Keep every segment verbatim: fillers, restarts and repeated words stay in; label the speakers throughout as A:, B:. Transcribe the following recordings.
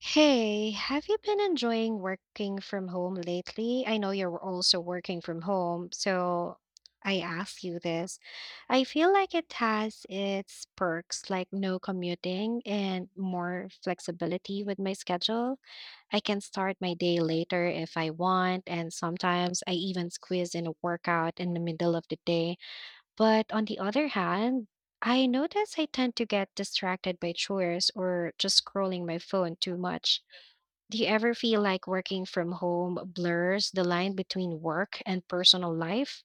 A: Hey, have you been enjoying working from home lately? I know you're also working from home, so I ask you this. I feel like it has its perks, like no commuting and more flexibility with my schedule. I can start my day later if I want, and sometimes I even squeeze in a workout in the middle of the day. But on the other hand, I notice I tend to get distracted by chores or just scrolling my phone too much. Do you ever feel like working from home blurs the line between work and personal life?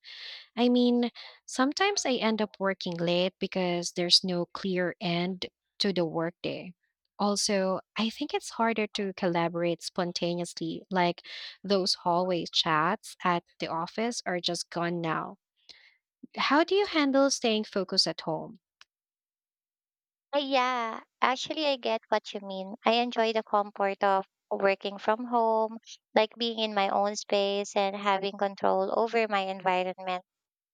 A: I mean, sometimes I end up working late because there's no clear end to the workday. Also, I think it's harder to collaborate spontaneously, like those hallway chats at the office are just gone now. How do you handle staying focused at home?
B: Uh, yeah, Actually, I get what you mean. I enjoy the comfort of working from home, like being in my own space and having control over my environment.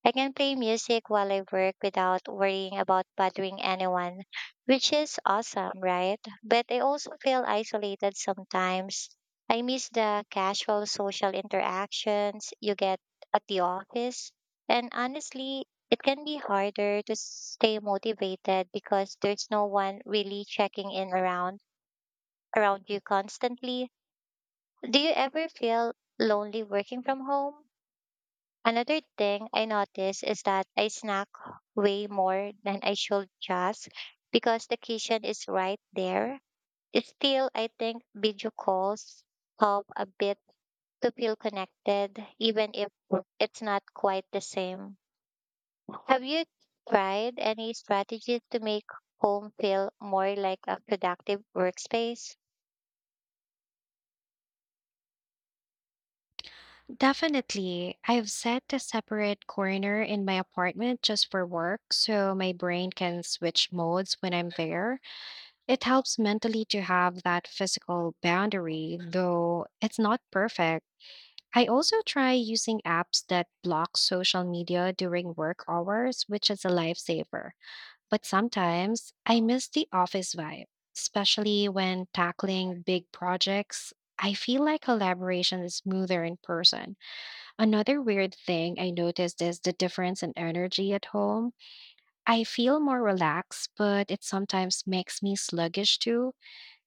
B: I can play music while I work without worrying about bothering anyone, which is awesome, right? But I also feel isolated sometimes. I miss the casual social interactions you get at the office. And honestly, it can be harder to stay motivated because there's no one really checking in around around you constantly. Do you ever feel lonely working from home? Another thing I noticed is that I snack way more than I should just because the kitchen is right there. Still, I think video calls help a bit to feel connected, even if it's not quite the same. Have you tried any strategies to make home feel more like a productive workspace?
A: Definitely. I've set a separate corner in my apartment just for work so my brain can switch modes when I'm there. It helps mentally to have that physical boundary, though it's not perfect. I also try using apps that block social media during work hours, which is a lifesaver. But sometimes I miss the office vibe, especially when tackling big projects. I feel like collaboration is smoother in person. Another weird thing I noticed is the difference in energy at home. I feel more relaxed, but it sometimes makes me sluggish too.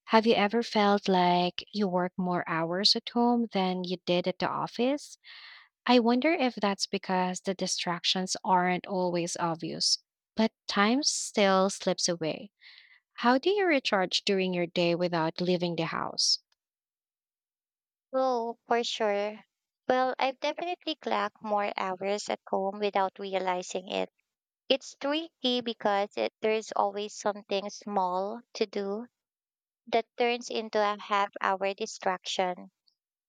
A: Have you ever felt like you work more hours at home than you did at the office? I wonder if that's because the distractions aren't always obvious, but time still slips away. How do you recharge during your day without leaving the house?
B: Oh, for sure. Well, I've definitely clocked more hours at home without realizing it. It's tricky because it, there's always something small to do that turns into a half hour distraction.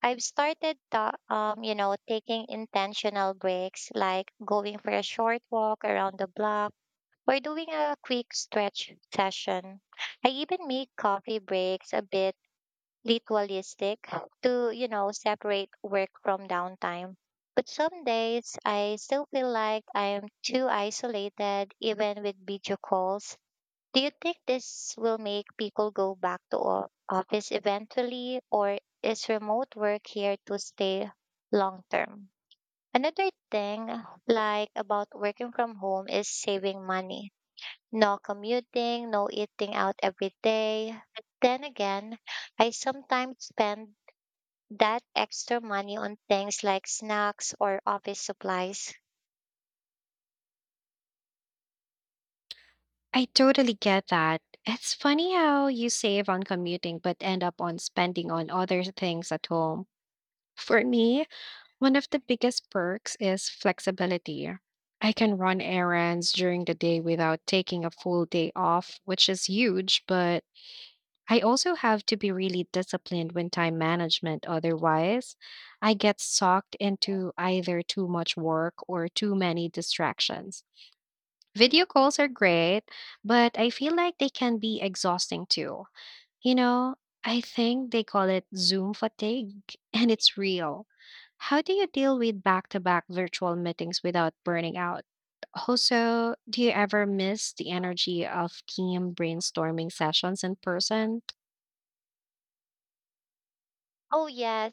B: I've started the, um, you know, taking intentional breaks, like going for a short walk around the block or doing a quick stretch session. I even make coffee breaks a bit ritualistic to, you know, separate work from downtime. But some days I still feel like I'm too isolated, even with video calls. Do you think this will make people go back to o- office eventually, or is remote work here to stay long term? Another thing like about working from home is saving money. No commuting, no eating out every day. But then again, I sometimes spend that extra money on things like snacks or office supplies.
A: I totally get that. It's funny how you save on commuting but end up on spending on other things at home. For me, one of the biggest perks is flexibility. I can run errands during the day without taking a full day off, which is huge, but I also have to be really disciplined when time management. Otherwise, I get sucked into either too much work or too many distractions. Video calls are great, but I feel like they can be exhausting too. You know, I think they call it Zoom fatigue, and it's real. How do you deal with back to back virtual meetings without burning out? Also, do you ever miss the energy of team brainstorming sessions in person?
B: Oh, yes.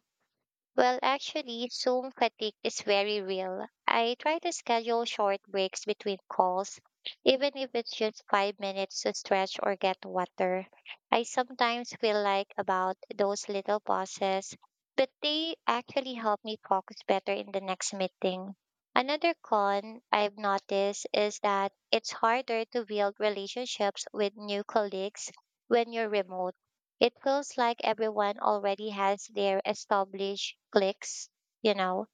B: Well, actually, Zoom fatigue is very real. I try to schedule short breaks between calls, even if it's just five minutes to stretch or get water. I sometimes feel like about those little pauses, but they actually help me focus better in the next meeting. Another con I've noticed is that it's harder to build relationships with new colleagues when you're remote. It feels like everyone already has their established cliques, you know.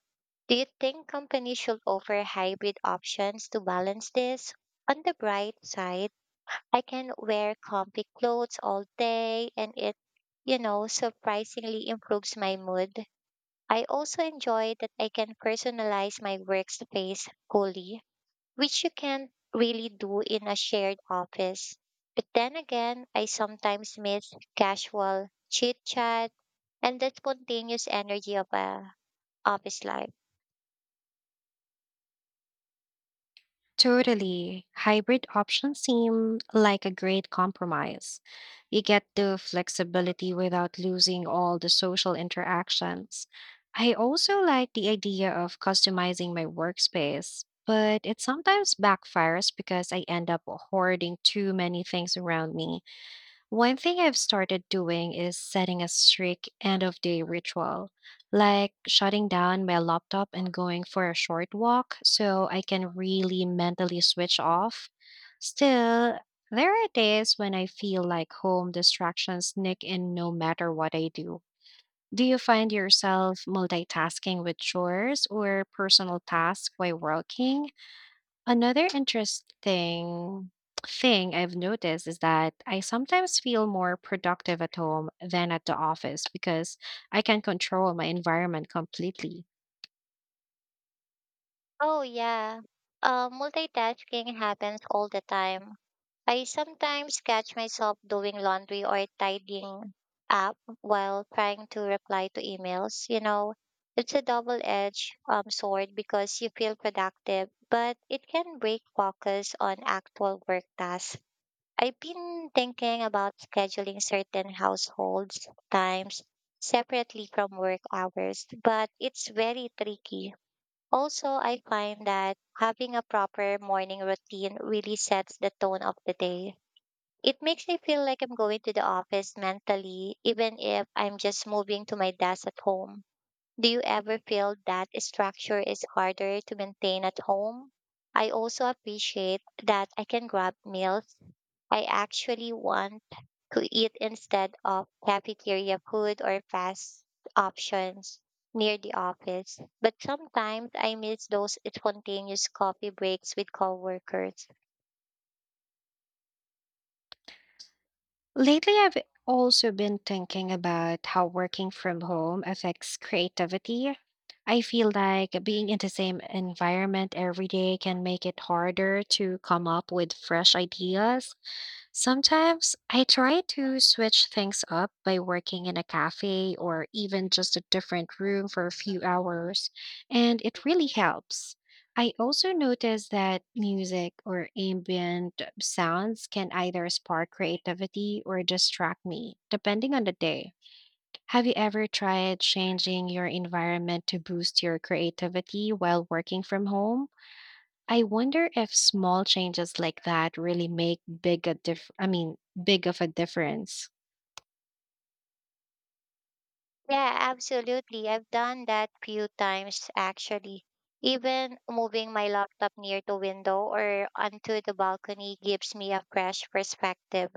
B: Do you think companies should offer hybrid options to balance this? On the bright side, I can wear comfy clothes all day and it, you know, surprisingly improves my mood. I also enjoy that I can personalize my workspace fully, which you can't really do in a shared office. But then again, I sometimes miss casual chit chat and the spontaneous energy of a office life.
A: Totally. Hybrid options seem like a great compromise. You get the flexibility without losing all the social interactions. I also like the idea of customizing my workspace, but it sometimes backfires because I end up hoarding too many things around me. One thing I've started doing is setting a strict end of day ritual, like shutting down my laptop and going for a short walk so I can really mentally switch off. Still, there are days when I feel like home distractions sneak in no matter what I do. Do you find yourself multitasking with chores or personal tasks while working? Another interesting thing I've noticed is that I sometimes feel more productive at home than at the office because I can control my environment completely.
B: Oh yeah, uh, multitasking happens all the time. I sometimes catch myself doing laundry or tidying up while trying to reply to emails. You know, it's a double edged um, sword because you feel productive, but it can break focus on actual work tasks. I've been thinking about scheduling certain households times separately from work hours, but it's very tricky. Also, I find that having a proper morning routine really sets the tone of the day. It makes me feel like I'm going to the office mentally, even if I'm just moving to my desk at home. Do you ever feel that structure is harder to maintain at home? I also appreciate that I can grab meals I actually want to eat instead of cafeteria food or fast options near the office. But sometimes I miss those spontaneous coffee breaks with coworkers.
A: Lately, I've also been thinking about how working from home affects creativity. I feel like being in the same environment every day can make it harder to come up with fresh ideas. Sometimes I try to switch things up by working in a cafe or even just a different room for a few hours, and it really helps. I also notice that music or ambient sounds can either spark creativity or distract me, depending on the day. Have you ever tried changing your environment to boost your creativity while working from home? I wonder if small changes like that really make big a diff I mean big of a difference.
B: Yeah, absolutely. I've done that few times actually. Even moving my laptop near the window or onto the balcony gives me a fresh perspective.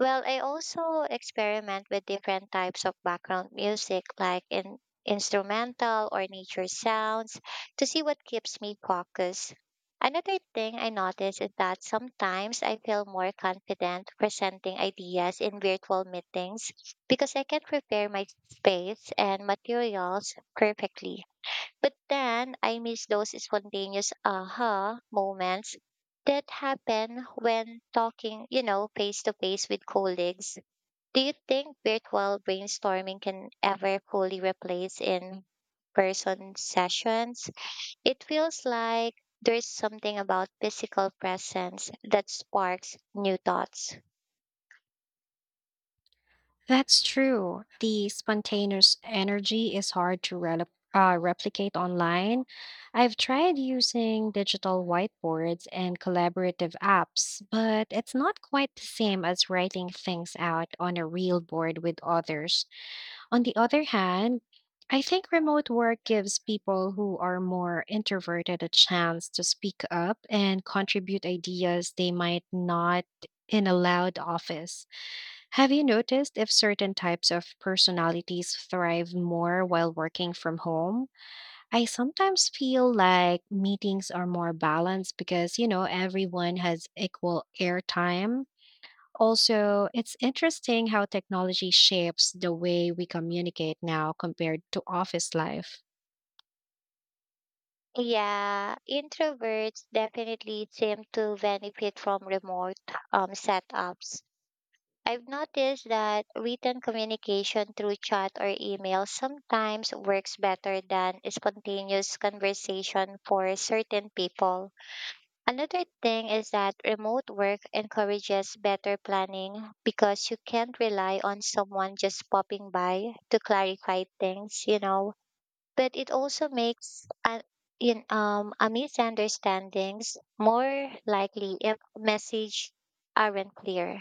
B: Well, I also experiment with different types of background music, like in instrumental or nature sounds, to see what keeps me focused. Another thing I notice is that sometimes I feel more confident presenting ideas in virtual meetings because I can prepare my space and materials perfectly. But then I miss those spontaneous aha moments that happen when talking, you know, face to face with colleagues. Do you think virtual brainstorming can ever fully replace in person sessions? It feels like there's something about physical presence that sparks new thoughts.
A: That's true. The spontaneous energy is hard to rel- uh, replicate online. I've tried using digital whiteboards and collaborative apps, but it's not quite the same as writing things out on a real board with others. On the other hand, I think remote work gives people who are more introverted a chance to speak up and contribute ideas they might not in a loud office. Have you noticed if certain types of personalities thrive more while working from home? I sometimes feel like meetings are more balanced because, you know, everyone has equal airtime. Also, it's interesting how technology shapes the way we communicate now compared to office life.
B: Yeah, introverts definitely seem to benefit from remote um, setups. I've noticed that written communication through chat or email sometimes works better than a spontaneous conversation for certain people. Another thing is that remote work encourages better planning because you can't rely on someone just popping by to clarify things, you know. But it also makes a, in, um, a misunderstandings more likely if message aren't clear.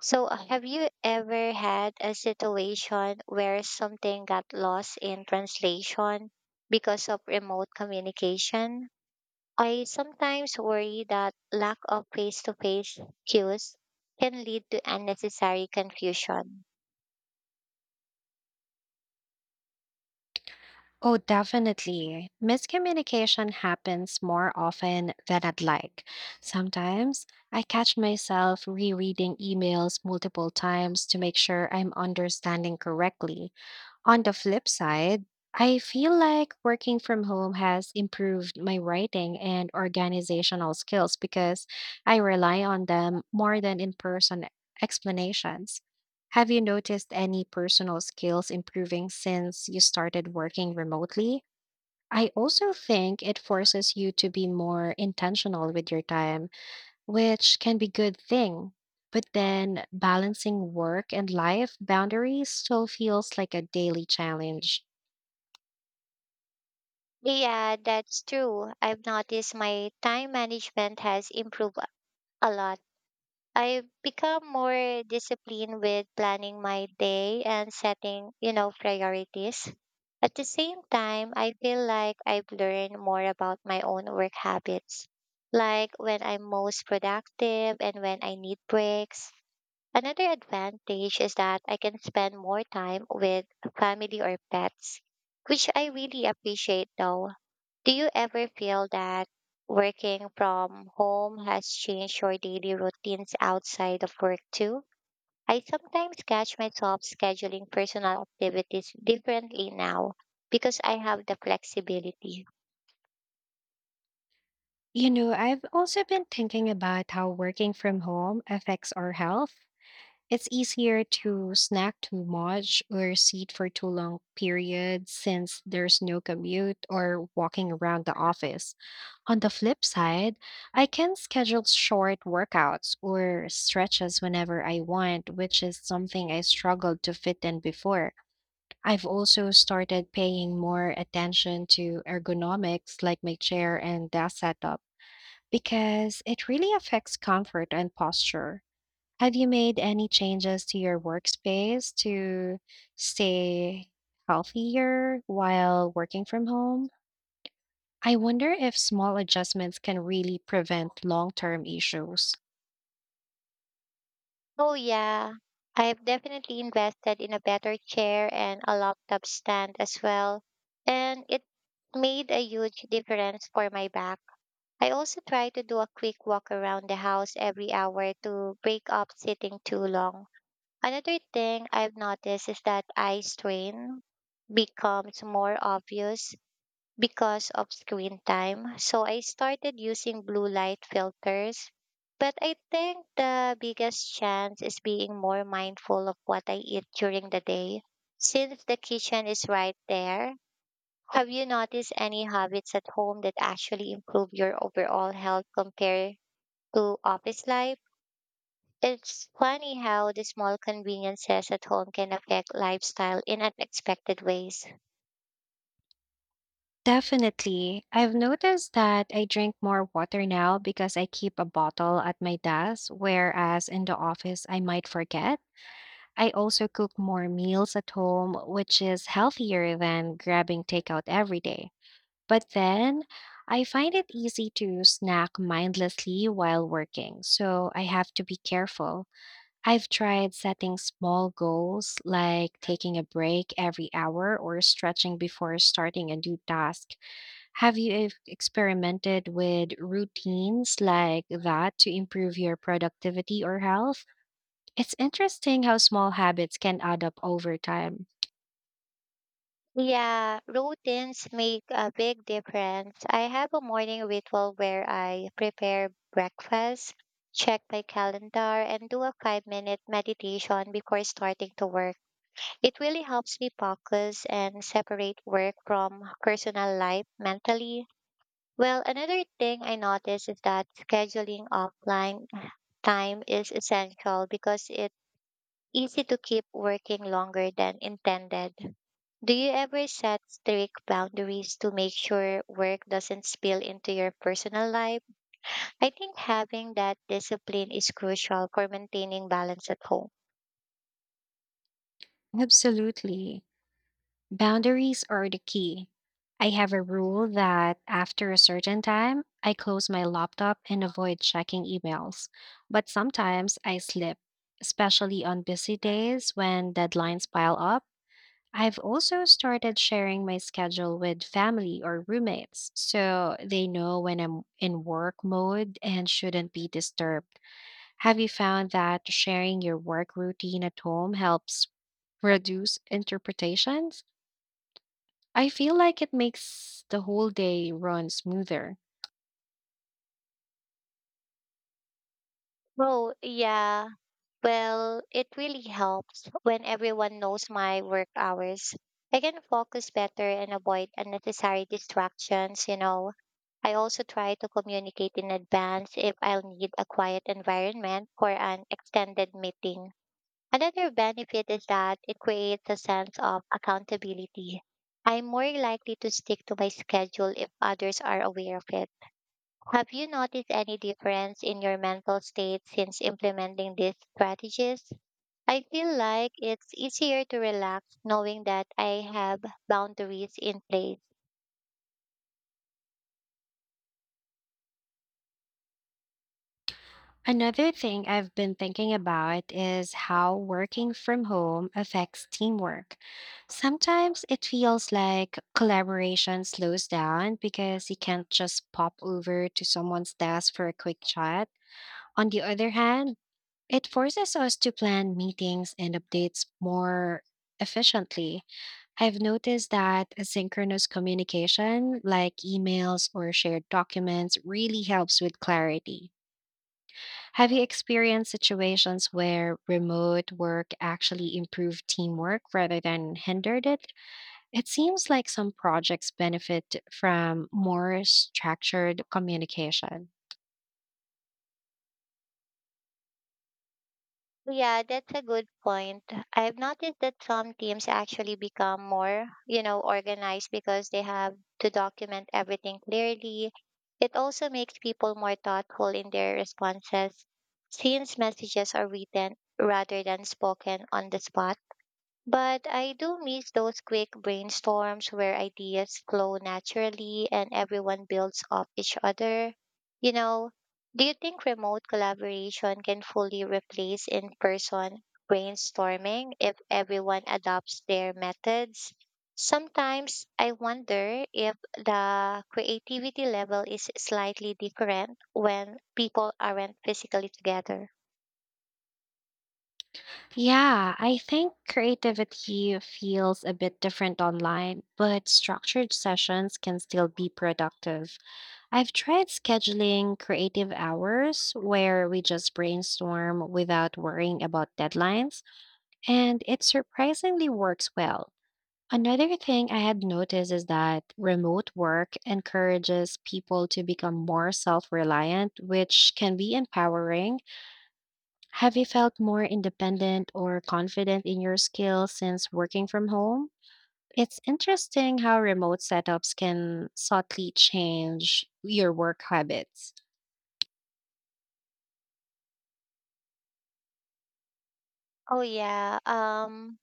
B: So, uh, have you ever had a situation where something got lost in translation because of remote communication? I sometimes worry that lack of face to face cues can lead to unnecessary confusion.
A: Oh, definitely. Miscommunication happens more often than I'd like. Sometimes I catch myself rereading emails multiple times to make sure I'm understanding correctly. On the flip side, I feel like working from home has improved my writing and organizational skills because I rely on them more than in person explanations. Have you noticed any personal skills improving since you started working remotely? I also think it forces you to be more intentional with your time, which can be good thing. But then balancing work and life boundaries still feels like a daily challenge.
B: Yeah, that's true. I've noticed my time management has improved a lot. I've become more disciplined with planning my day and setting, you know, priorities. At the same time, I feel like I've learned more about my own work habits, like when I'm most productive and when I need breaks. Another advantage is that I can spend more time with family or pets, which I really appreciate though. Do you ever feel that working from home has changed your daily routines outside of work too? I sometimes catch myself scheduling personal activities differently now because I have the flexibility.
A: You know, I've also been thinking about how working from home affects our health. It's easier to snack too much or sit for too long periods since there's no commute or walking around the office. On the flip side, I can schedule short workouts or stretches whenever I want, which is something I struggled to fit in before. I've also started paying more attention to ergonomics like my chair and desk setup because it really affects comfort and posture. Have you made any changes to your workspace to stay healthier while working from home? I wonder if small adjustments can really prevent long term issues.
B: Oh, yeah. I've definitely invested in a better chair and a laptop stand as well, and it made a huge difference for my back. I also try to do a quick walk around the house every hour to break up sitting too long. Another thing I've noticed is that eye strain becomes more obvious because of screen time. So I started using blue light filters. But I think the biggest chance is being more mindful of what I eat during the day. Since the kitchen is right there, have you noticed any habits at home that actually improve your overall health compared to office life? It's funny how the small conveniences at home can affect lifestyle in unexpected ways.
A: Definitely. I've noticed that I drink more water now because I keep a bottle at my desk, whereas in the office I might forget. I also cook more meals at home, which is healthier than grabbing takeout every day. But then I find it easy to snack mindlessly while working, so I have to be careful. I've tried setting small goals like taking a break every hour or stretching before starting a new task. Have you ev- experimented with routines like that to improve your productivity or health? It's interesting how small habits can add up over time.
B: Yeah, routines make a big difference. I have a morning ritual where I prepare breakfast, check my calendar, and do a five minute meditation before starting to work. It really helps me focus and separate work from personal life mentally. Well, another thing I noticed is that scheduling offline time is essential because it's easy to keep working longer than intended. Do you ever set strict boundaries to make sure work doesn't spill into your personal life? I think having that discipline is crucial for maintaining balance at home.
A: Absolutely. Boundaries are the key. I have a rule that after a certain time, I close my laptop and avoid checking emails. But sometimes I slip, especially on busy days when deadlines pile up. I've also started sharing my schedule with family or roommates so they know when I'm in work mode and shouldn't be disturbed. Have you found that sharing your work routine at home helps reduce interpretations? I feel like it makes the whole day run smoother.
B: Oh, yeah. Well, it really helps when everyone knows my work hours. I can focus better and avoid unnecessary distractions, you know. I also try to communicate in advance if I'll need a quiet environment for an extended meeting. Another benefit is that it creates a sense of accountability. I'm more likely to stick to my schedule if others are aware of it. Have you noticed any difference in your mental state since implementing these strategies? I feel like it's easier to relax knowing that I have boundaries in place.
A: Another thing I've been thinking about is how working from home affects teamwork. Sometimes it feels like collaboration slows down because you can't just pop over to someone's desk for a quick chat. On the other hand, it forces us to plan meetings and updates more efficiently. I've noticed that asynchronous communication, like emails or shared documents, really helps with clarity. Have you experienced situations where remote work actually improved teamwork rather than hindered it? It seems like some projects benefit from more structured communication.
B: Yeah, that's a good point. I've noticed that some teams actually become more, you know, organized because they have to document everything clearly. It also makes people more thoughtful in their responses since messages are written rather than spoken on the spot. But I do miss those quick brainstorms where ideas flow naturally and everyone builds off each other. You know, do you think remote collaboration can fully replace in person brainstorming if everyone adopts their methods? Sometimes I wonder if the creativity level is slightly different when people aren't physically together.
A: Yeah, I think creativity feels a bit different online, but structured sessions can still be productive. I've tried scheduling creative hours where we just brainstorm without worrying about deadlines, and it surprisingly works well. Another thing I had noticed is that remote work encourages people to become more self reliant, which can be empowering. Have you felt more independent or confident in your skills since working from home? It's interesting how remote setups can subtly change your work habits.
B: Oh, yeah. Um,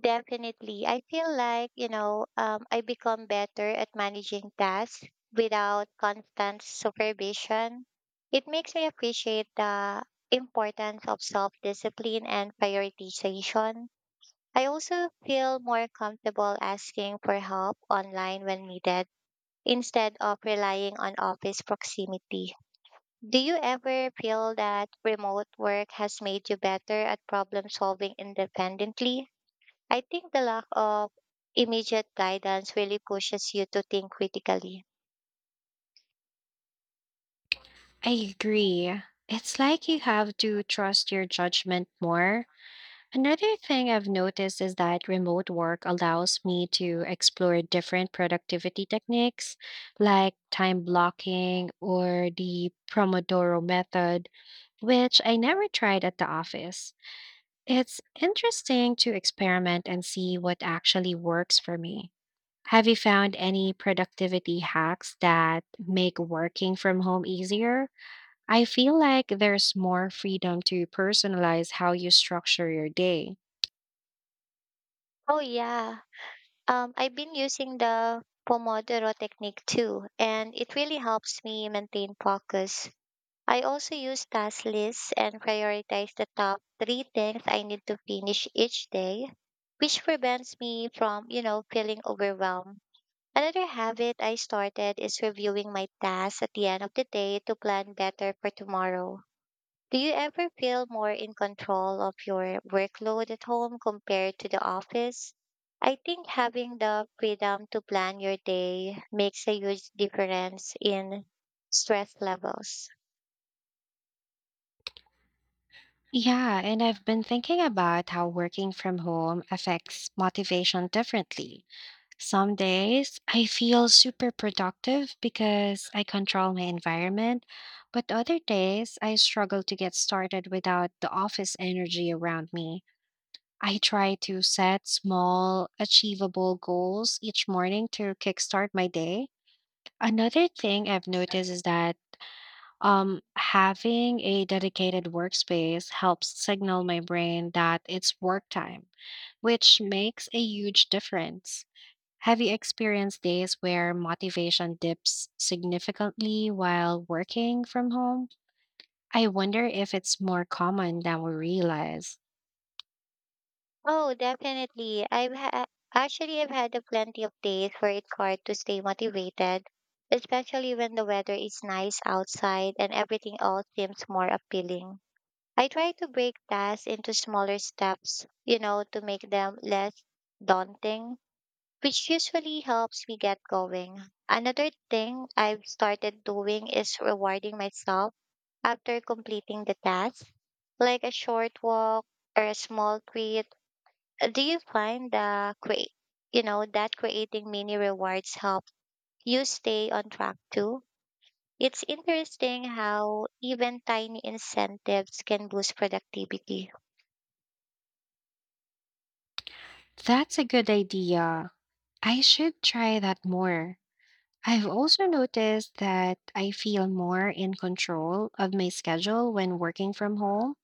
B: Definitely. I feel like, you know, um, I become better at managing tasks without constant supervision. It makes me appreciate the importance of self discipline and prioritization. I also feel more comfortable asking for help online when needed instead of relying on office proximity. Do you ever feel that remote work has made you better at problem solving independently? I think the lack of immediate guidance really pushes you to think critically.
A: I agree. It's like you have to trust your judgment more. Another thing I've noticed is that remote work allows me to explore different productivity techniques like time blocking or the Pomodoro method, which I never tried at the office. It's interesting to experiment and see what actually works for me. Have you found any productivity hacks that make working from home easier? I feel like there's more freedom to personalize how you structure your day.
B: Oh yeah. Um I've been using the Pomodoro technique too, and it really helps me maintain focus. I also use task lists and prioritize the top three things I need to finish each day, which prevents me from, you know, feeling overwhelmed. Another habit I started is reviewing my tasks at the end of the day to plan better for tomorrow. Do you ever feel more in control of your workload at home compared to the office? I think having the freedom to plan your day makes a huge difference in stress levels.
A: Yeah, and I've been thinking about how working from home affects motivation differently. Some days I feel super productive because I control my environment, but other days I struggle to get started without the office energy around me. I try to set small, achievable goals each morning to kickstart my day. Another thing I've noticed is that Um, having a dedicated workspace helps signal my brain that it's work time, which makes a huge difference. Have you experienced days where motivation dips significantly while working from home? I wonder if it's more common than we realize.
B: Oh, definitely. I've ha- actually I've had a plenty of days where it's hard to stay motivated, especially when the weather is nice outside and everything else seems more appealing. I try to break tasks into smaller steps, you know, to make them less daunting, which usually helps me get going. Another thing I've started doing is rewarding myself after completing the task, like a short walk or a small treat. Do you find the create, you know, that creating mini rewards help you stay on track too? It's interesting how even tiny incentives can boost productivity.
A: That's a good idea. I should try that more. I've also noticed that I feel more in control of my schedule when working from home,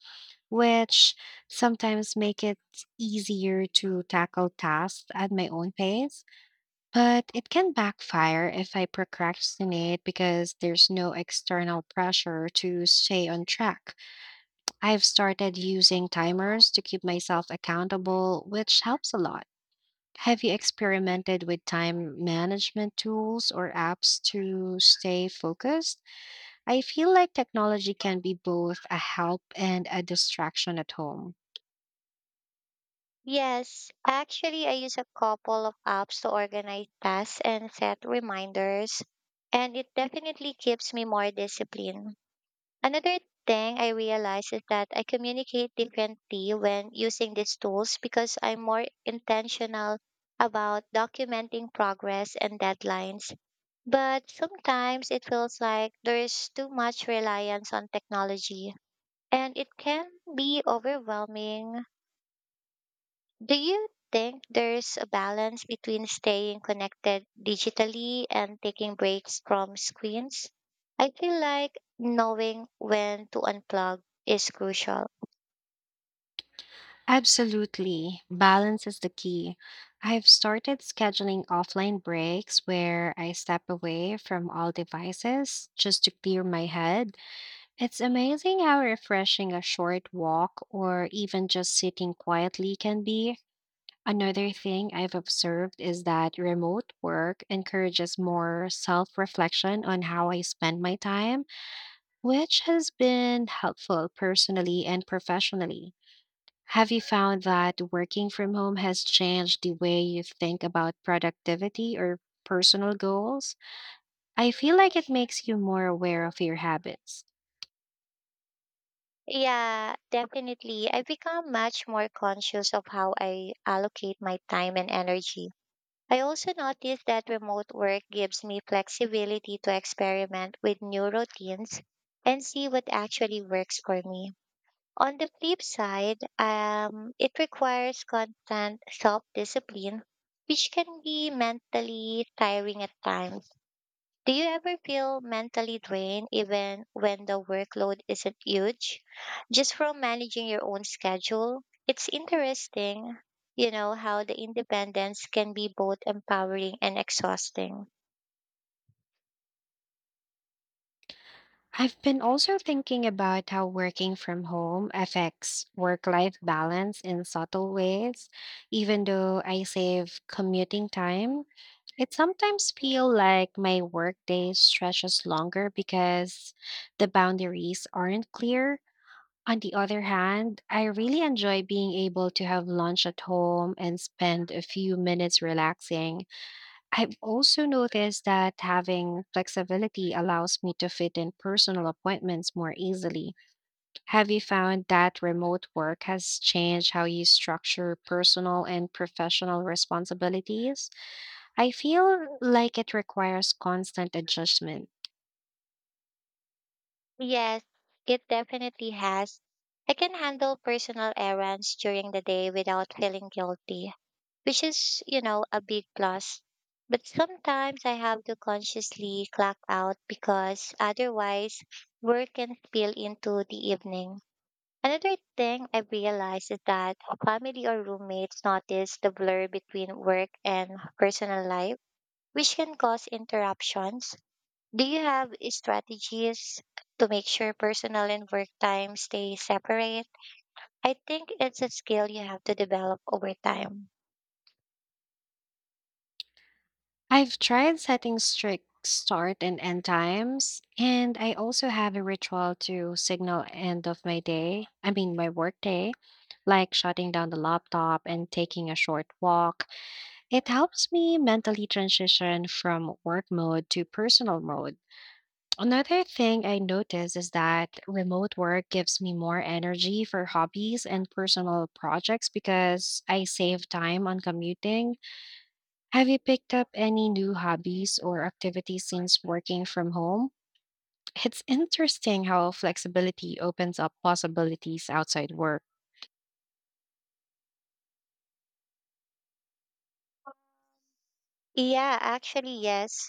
A: which sometimes make it easier to tackle tasks at my own pace. But it can backfire if I procrastinate because there's no external pressure to stay on track. I've started using timers to keep myself accountable, which helps a lot. Have you experimented with time management tools or apps to stay focused? I feel like technology can be both a help and a distraction at home.
B: Yes, actually, I use a couple of apps to organize tasks and set reminders, and it definitely keeps me more disciplined. Another thing I realized is that I communicate differently when using these tools because I'm more intentional about documenting progress and deadlines. But sometimes it feels like there's too much reliance on technology, and it can be overwhelming. Do you think there's a balance between staying connected digitally and taking breaks from screens? I feel like knowing when to unplug is crucial.
A: Absolutely. Balance is the key. I've started scheduling offline breaks where I step away from all devices just to clear my head. It's amazing how refreshing a short walk or even just sitting quietly can be. Another thing I've observed is that remote work encourages more self reflection on how I spend my time, which has been helpful personally and professionally. Have you found that working from home has changed the way you think about productivity or personal goals? I feel like it makes you more aware of your habits.
B: Yeah, definitely. I've become much more conscious of how I allocate my time and energy. I also noticed that remote work gives me flexibility to experiment with new routines and see what actually works for me. On the flip side, um, it requires constant self discipline, which can be mentally tiring at times. Do you ever feel mentally drained even when the workload isn't huge? Just from managing your own schedule? It's interesting, you know, how the independence can be both empowering and exhausting.
A: I've been also thinking about how working from home affects work life balance in subtle ways. Even though I save commuting time, it sometimes feels like my workday stretches longer because the boundaries aren't clear. On the other hand, I really enjoy being able to have lunch at home and spend a few minutes relaxing. I've also noticed that having flexibility allows me to fit in personal appointments more easily. Have you found that remote work has changed how you structure personal and professional responsibilities? I feel like it requires constant adjustment.
B: Yes, it definitely has. I can handle personal errands during the day without feeling guilty, which is, you know, a big plus. But sometimes I have to consciously clock out because otherwise work can spill into the evening. Another thing I realized is that family or roommates notice the blur between work and personal life, which can cause interruptions. Do you have strategies to make sure personal and work time stay separate? I think it's a skill you have to develop over time.
A: I've tried setting strict start and end times, and I also have a ritual to signal end of my day. I mean my work day, like shutting down the laptop and taking a short walk. It helps me mentally transition from work mode to personal mode. Another thing I notice is that remote work gives me more energy for hobbies and personal projects because I save time on commuting. Have you picked up any new hobbies or activities since working from home? It's interesting how flexibility opens up possibilities outside work.
B: Yeah, actually, yes.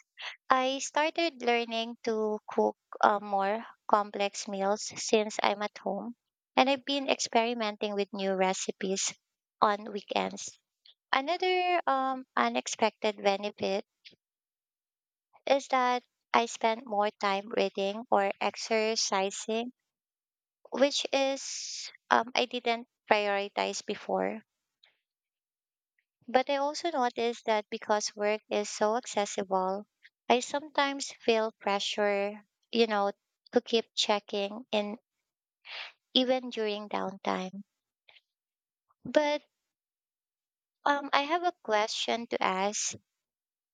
B: I started learning to cook uh, more complex meals since I'm at home, and I've been experimenting with new recipes on weekends. Another um, unexpected benefit is that I spend more time reading or exercising, which is um, I didn't prioritize before. But I also noticed that because work is so accessible, I sometimes feel pressure, you know, to keep checking in even during downtime. But um, I have a question to ask.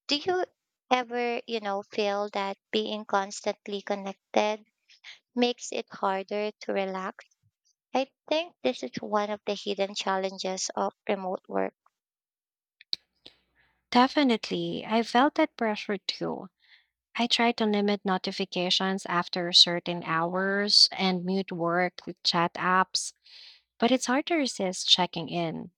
B: Do you ever, you know, feel that being constantly connected makes it harder to relax? I think this is one of the hidden challenges of remote work.
A: Definitely, I felt that pressure too. I try to limit notifications after certain hours and mute work with chat apps, but it's hard to resist checking in.